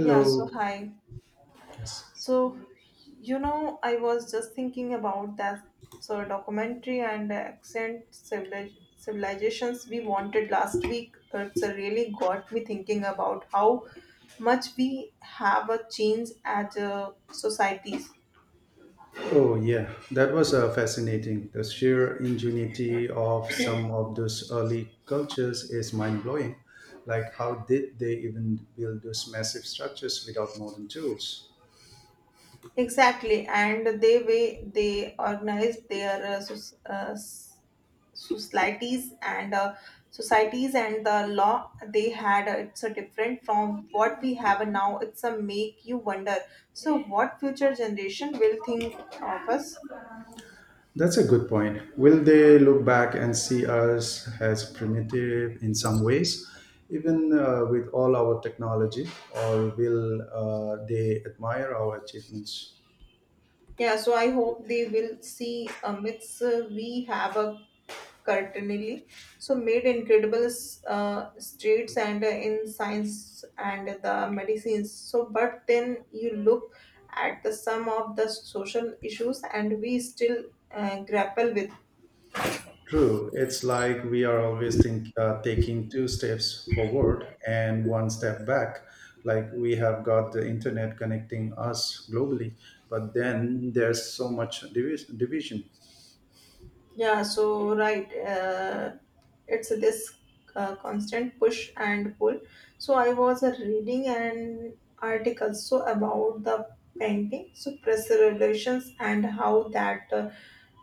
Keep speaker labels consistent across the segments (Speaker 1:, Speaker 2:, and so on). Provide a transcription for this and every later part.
Speaker 1: Yeah, so hi.
Speaker 2: Yes.
Speaker 1: So, I was just thinking about that so documentary and accent civilizations we wanted last week. It's really got me thinking about how much we have a change as a societies.
Speaker 2: Oh, yeah, that was fascinating. The sheer ingenuity of some of those early cultures is mind blowing. Like, how did they even build those massive structures without modern tools?
Speaker 1: Exactly, and they way they organize their societies and the law they had, it's a different from what we have now. It's a make you wonder. So, what future generation will think of us?
Speaker 2: That's a good point. Will they look back and see us as primitive in some ways, even with all our technology, or will they admire our achievements?
Speaker 1: Yeah, so I hope they will see a mix. We have a currently, so made incredible strides and in science and the medicines. So, but then you look at the sum of the social issues, and we still grapple with.
Speaker 2: True. It's like we are always taking two steps forward and one step back. Like we have got the internet connecting us globally, but then there's so much division.
Speaker 1: Yeah, so right, it's this constant push and pull. So I was reading an article so about the painting, so press relations and how that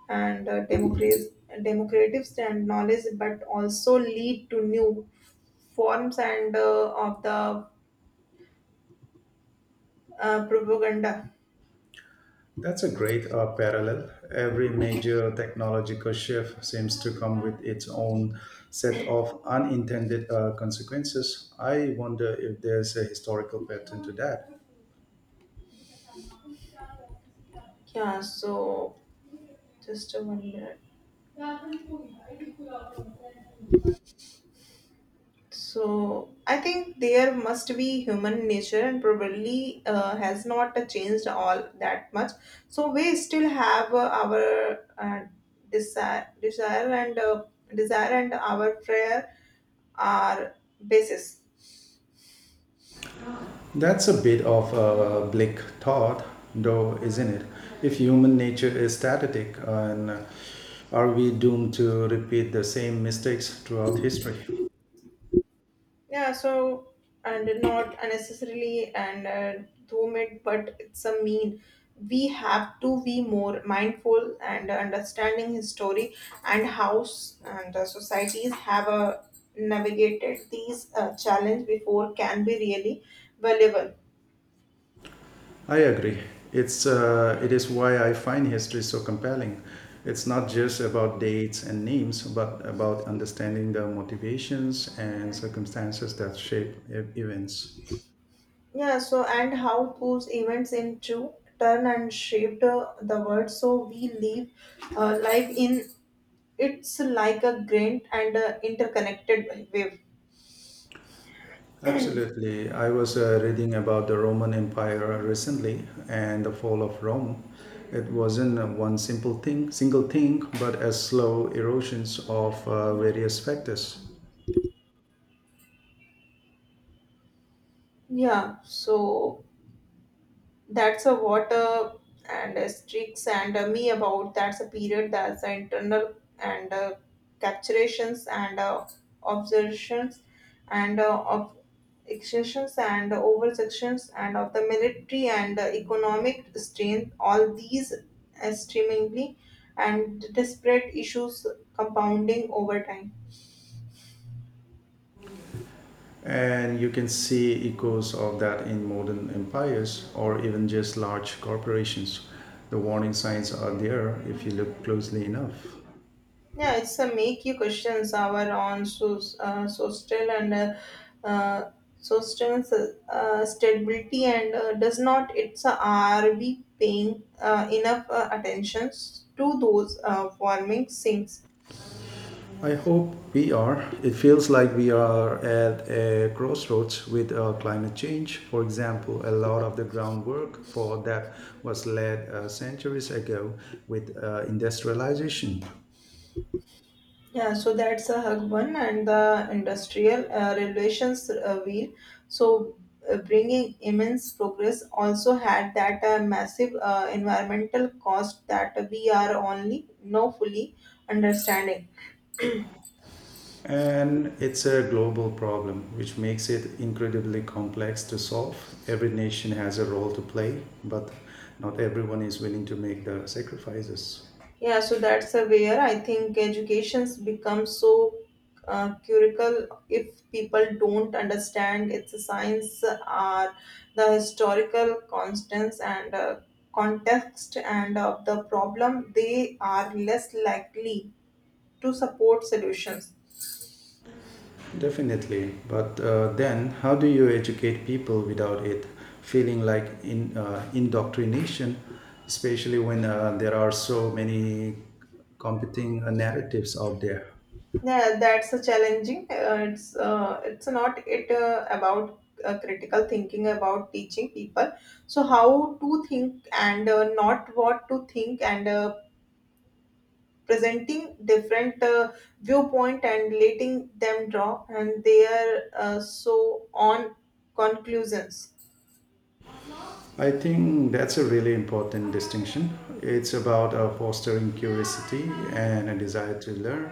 Speaker 1: and democracy, democratics and knowledge, but also lead to new forms and of the propaganda.
Speaker 2: That's a great parallel. Every major technological shift seems to come with its own set of unintended consequences. I wonder if there's a historical pattern to that.
Speaker 1: Yeah, so just a 1 minute. So I think there must be human nature and probably has not changed all that much. So we still have our uh, desire and our prayer are basis.
Speaker 2: That's a bit of a bleak thought, though, isn't it? If human nature is static, and are we doomed to repeat the same mistakes throughout history?
Speaker 1: Yeah, so and not unnecessarily and doom it, but it's a mean. We have to be more mindful and understanding history and how and the societies have navigated these challenge before can be really valuable.
Speaker 2: I agree. It is why I find history so compelling. It's not just about dates and names, but about understanding the motivations and circumstances that shape events.
Speaker 1: Yeah, so and how those events into turn and shaped the world. So we live life in it's like a grain and interconnected wave.
Speaker 2: Absolutely. I was reading about the Roman Empire recently and the fall of Rome. It wasn't one single thing, but a slow erosions of various factors.
Speaker 1: Yeah, so that's a water and a streaks and a me about that's a period that's the internal and capturations and observations and of exceptions and over sections and of the military and economic strain all these extremely and disparate issues compounding over time.
Speaker 2: And you can see echoes of that in modern empires or even just large corporations. The warning signs are there if you look closely enough.
Speaker 1: Yeah, it's a make you questions our on so social and uh, so stability and does not it's are we paying enough attentions to those forming sinks?
Speaker 2: I hope we are. It feels like we are at a crossroads with climate change. For example, a lot of the groundwork for that was laid centuries ago with industrialization.
Speaker 1: Yeah, so that's a hug one and the industrial relations wheel. So bringing immense progress also had that massive environmental cost that we are only now fully understanding.
Speaker 2: And it's a global problem, which makes it incredibly complex to solve. Every nation has a role to play, but not everyone is willing to make the sacrifices.
Speaker 1: Yeah, so that's where I think educations becomes so curricle if people don't understand its science are the historical constants and context and of the problem they are less likely to support solutions.
Speaker 2: Definitely, but then how do you educate people without it feeling like in indoctrination, especially when there are so many competing narratives out there?
Speaker 1: Yeah, that's a challenging. It's not it about critical thinking about teaching people so how to think and not what to think and presenting different viewpoint and letting them draw and their so on conclusions.
Speaker 2: I think that's a really important distinction. It's about fostering curiosity and a desire to learn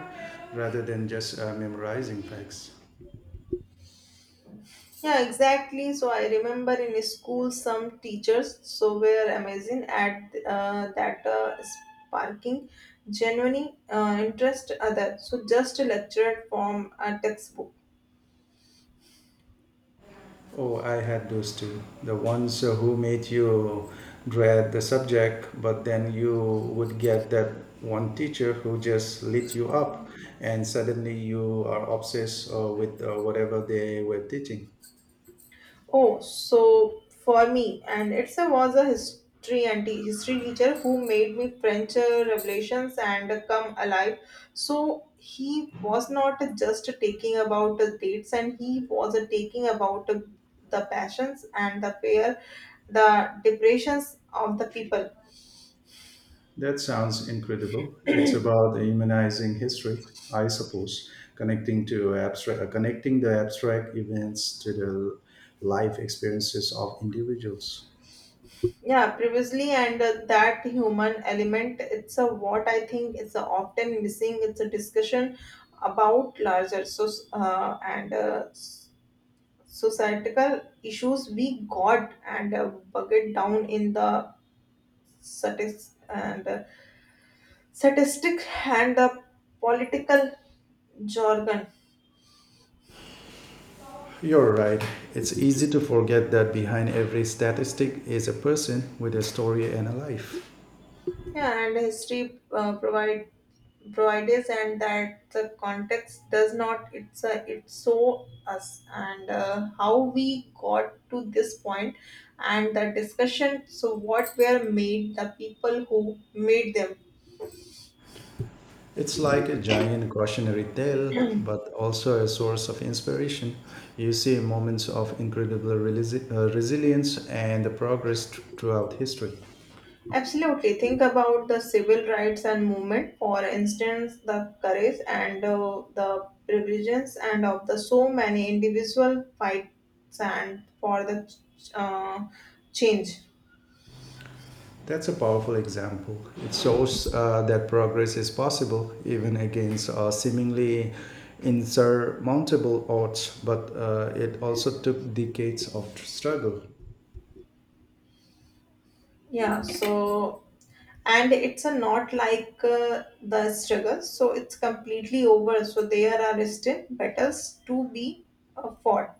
Speaker 2: rather than just memorizing facts.
Speaker 1: Yeah, exactly, so I remember in school some teachers so were amazing at that sparking genuine interest other so just a lecture from a textbook.
Speaker 2: Oh, I had those too. The ones who made you dread the subject, but then you would get that one teacher who just lit you up, and suddenly you are obsessed with whatever they were teaching.
Speaker 1: Oh, so for me, and it's a was a history and history teacher who made me French revelations and come alive. So he was not just taking about the dates, and he was taking about the passions and the fear, the depressions of the people.
Speaker 2: That sounds incredible. It's about humanizing history, I suppose, connecting the abstract events to the life experiences of individuals.
Speaker 1: Yeah, previously, and that human element, it's a what I think is often missing. It's a discussion about larger so and. Societal issues we got and bucket down in the statis- and statistic and the political jargon.
Speaker 2: You're right. It's easy to forget that behind every statistic is a person with a story and a life.
Speaker 1: Yeah, and history provides and that the context does not it's it so us and how we got to this point and the discussion so what were made the people who made them.
Speaker 2: It's like a giant cautionary tale, but also a source of inspiration. You see moments of incredible resilience and the progress throughout history.
Speaker 1: Absolutely. Think about the civil rights and movement, for instance, the courage and the privileges and of the so many individual fights and for the uh, change.
Speaker 2: That's a powerful example. It shows that progress is possible even against seemingly insurmountable odds, but it also took decades of struggle.
Speaker 1: Yeah. So and it's a not like the struggle, so it's completely over. So there are still battles to be fought.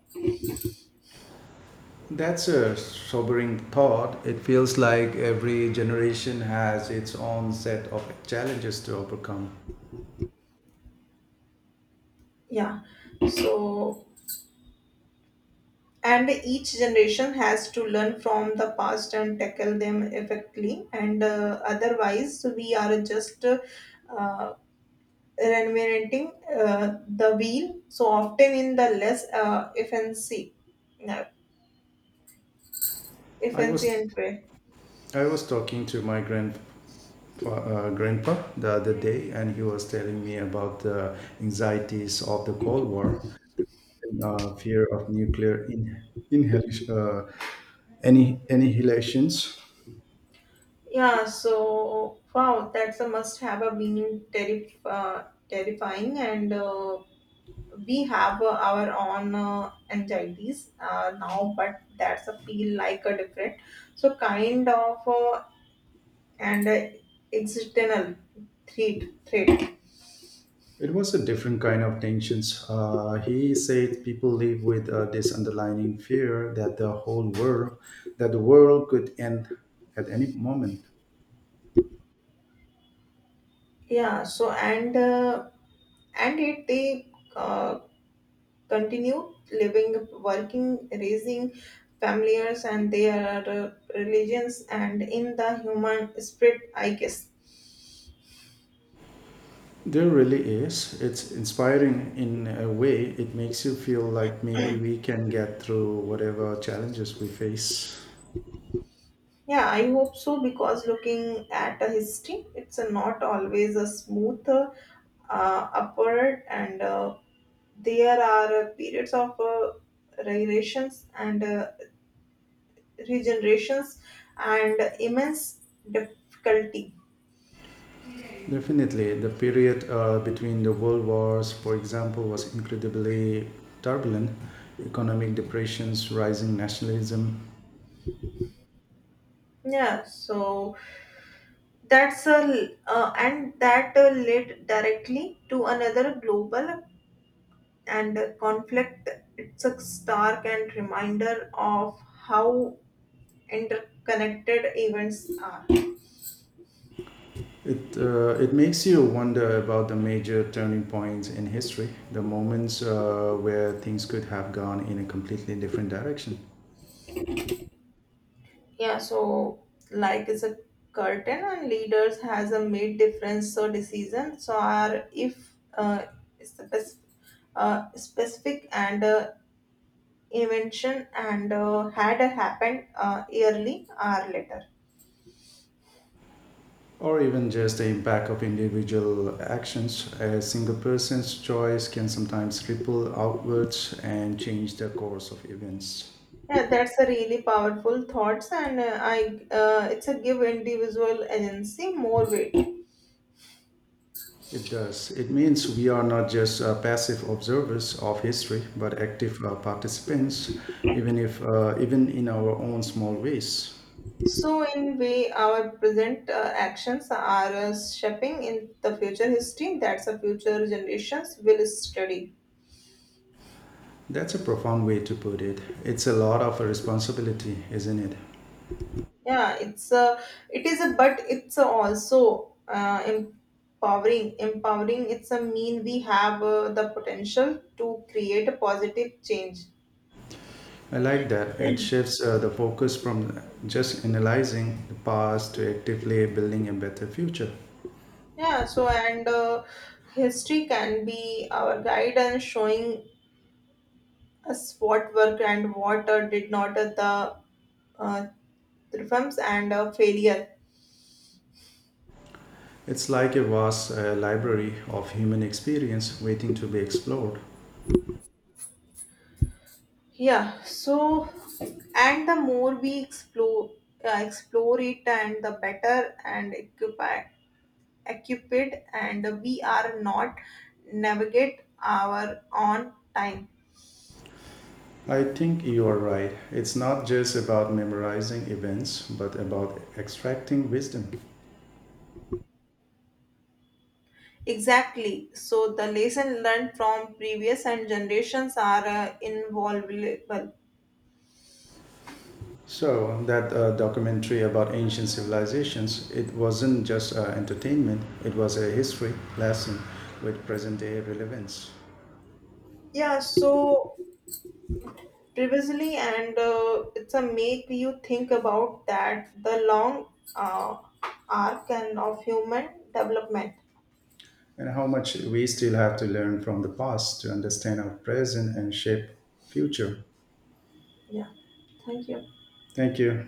Speaker 2: That's a sobering thought. It feels like every generation has its own set of challenges to overcome.
Speaker 1: Yeah. So and each generation has to learn from the past and tackle them effectively and otherwise we are just reinventing the wheel so often in the less efficiency uh,
Speaker 2: I was
Speaker 1: efficient way.
Speaker 2: I was talking to my grandpa the other day, and he was telling me about the anxieties of the Cold War, fear of inhalation, any annihilations.
Speaker 1: Yeah, so, wow, that's a must have a being terrifying, and we have our own anxieties now, but that's a feel like a different so kind of and external threat.
Speaker 2: It was a different kind of tensions. He said people live with this underlying fear that the that the world could end at any moment.
Speaker 1: Yeah, so and and it they continue living, working, raising familiars and their religions and in the human spirit, I guess.
Speaker 2: There really is. It's inspiring in a way. It makes you feel like maybe we can get through whatever challenges we face.
Speaker 1: Yeah, I hope so, because looking at a history it's not always a smooth upward, and there are periods of gyrations and regenerations and immense difficulty.
Speaker 2: Definitely, the period between the world wars, for example, was incredibly turbulent. Economic depressions, rising nationalism.
Speaker 1: Yeah, so that's a and that led directly to another global and conflict. It's a stark and reminder of how interconnected events are.
Speaker 2: It makes you wonder about the major turning points in history, the moments where things could have gone in a completely different direction,
Speaker 1: Yeah, so like is a curtain and leaders has a made difference. So decisions are if specific, specific and invention and had happened yearly or later.
Speaker 2: or even just the impact of individual actions. A single person's choice can sometimes ripple outwards and change the course of events.
Speaker 1: Yeah, that's a really powerful thoughts and I it's a give individual agency more weight.
Speaker 2: It does. It means we are not just passive observers of history, but active participants, even if even in our own small ways.
Speaker 1: So in way our present actions are shaping in the future history that's the future generations will study.
Speaker 2: That's a profound way to put it. It's a lot of a responsibility, isn't it?
Speaker 1: Yeah, it's a, but it's a also empowering. Empowering, it's a mean we have the potential to create a positive change.
Speaker 2: I like that. It shifts the focus from just analyzing the past to actively building a better future.
Speaker 1: Yeah, so and history can be our guide and showing us what worked and what did not the triumphs and failure.
Speaker 2: It's like a vast library of human experience waiting to be explored.
Speaker 1: Yeah, so and the more we explore it and the better and equipped and we are not navigate our own time.
Speaker 2: I think you are right. It's not just about memorizing events, but about extracting wisdom.
Speaker 1: Exactly, so the lesson learned from previous and generations are invaluable.
Speaker 2: So that documentary about ancient civilizations, it wasn't just entertainment; it was a history lesson with present-day relevance,
Speaker 1: Yeah, so previously and it's a make you think about that the long uh, arc and of human development.
Speaker 2: and how much we still have to learn from the past to understand our present and shape future.
Speaker 1: Yeah, thank you.
Speaker 2: Thank you.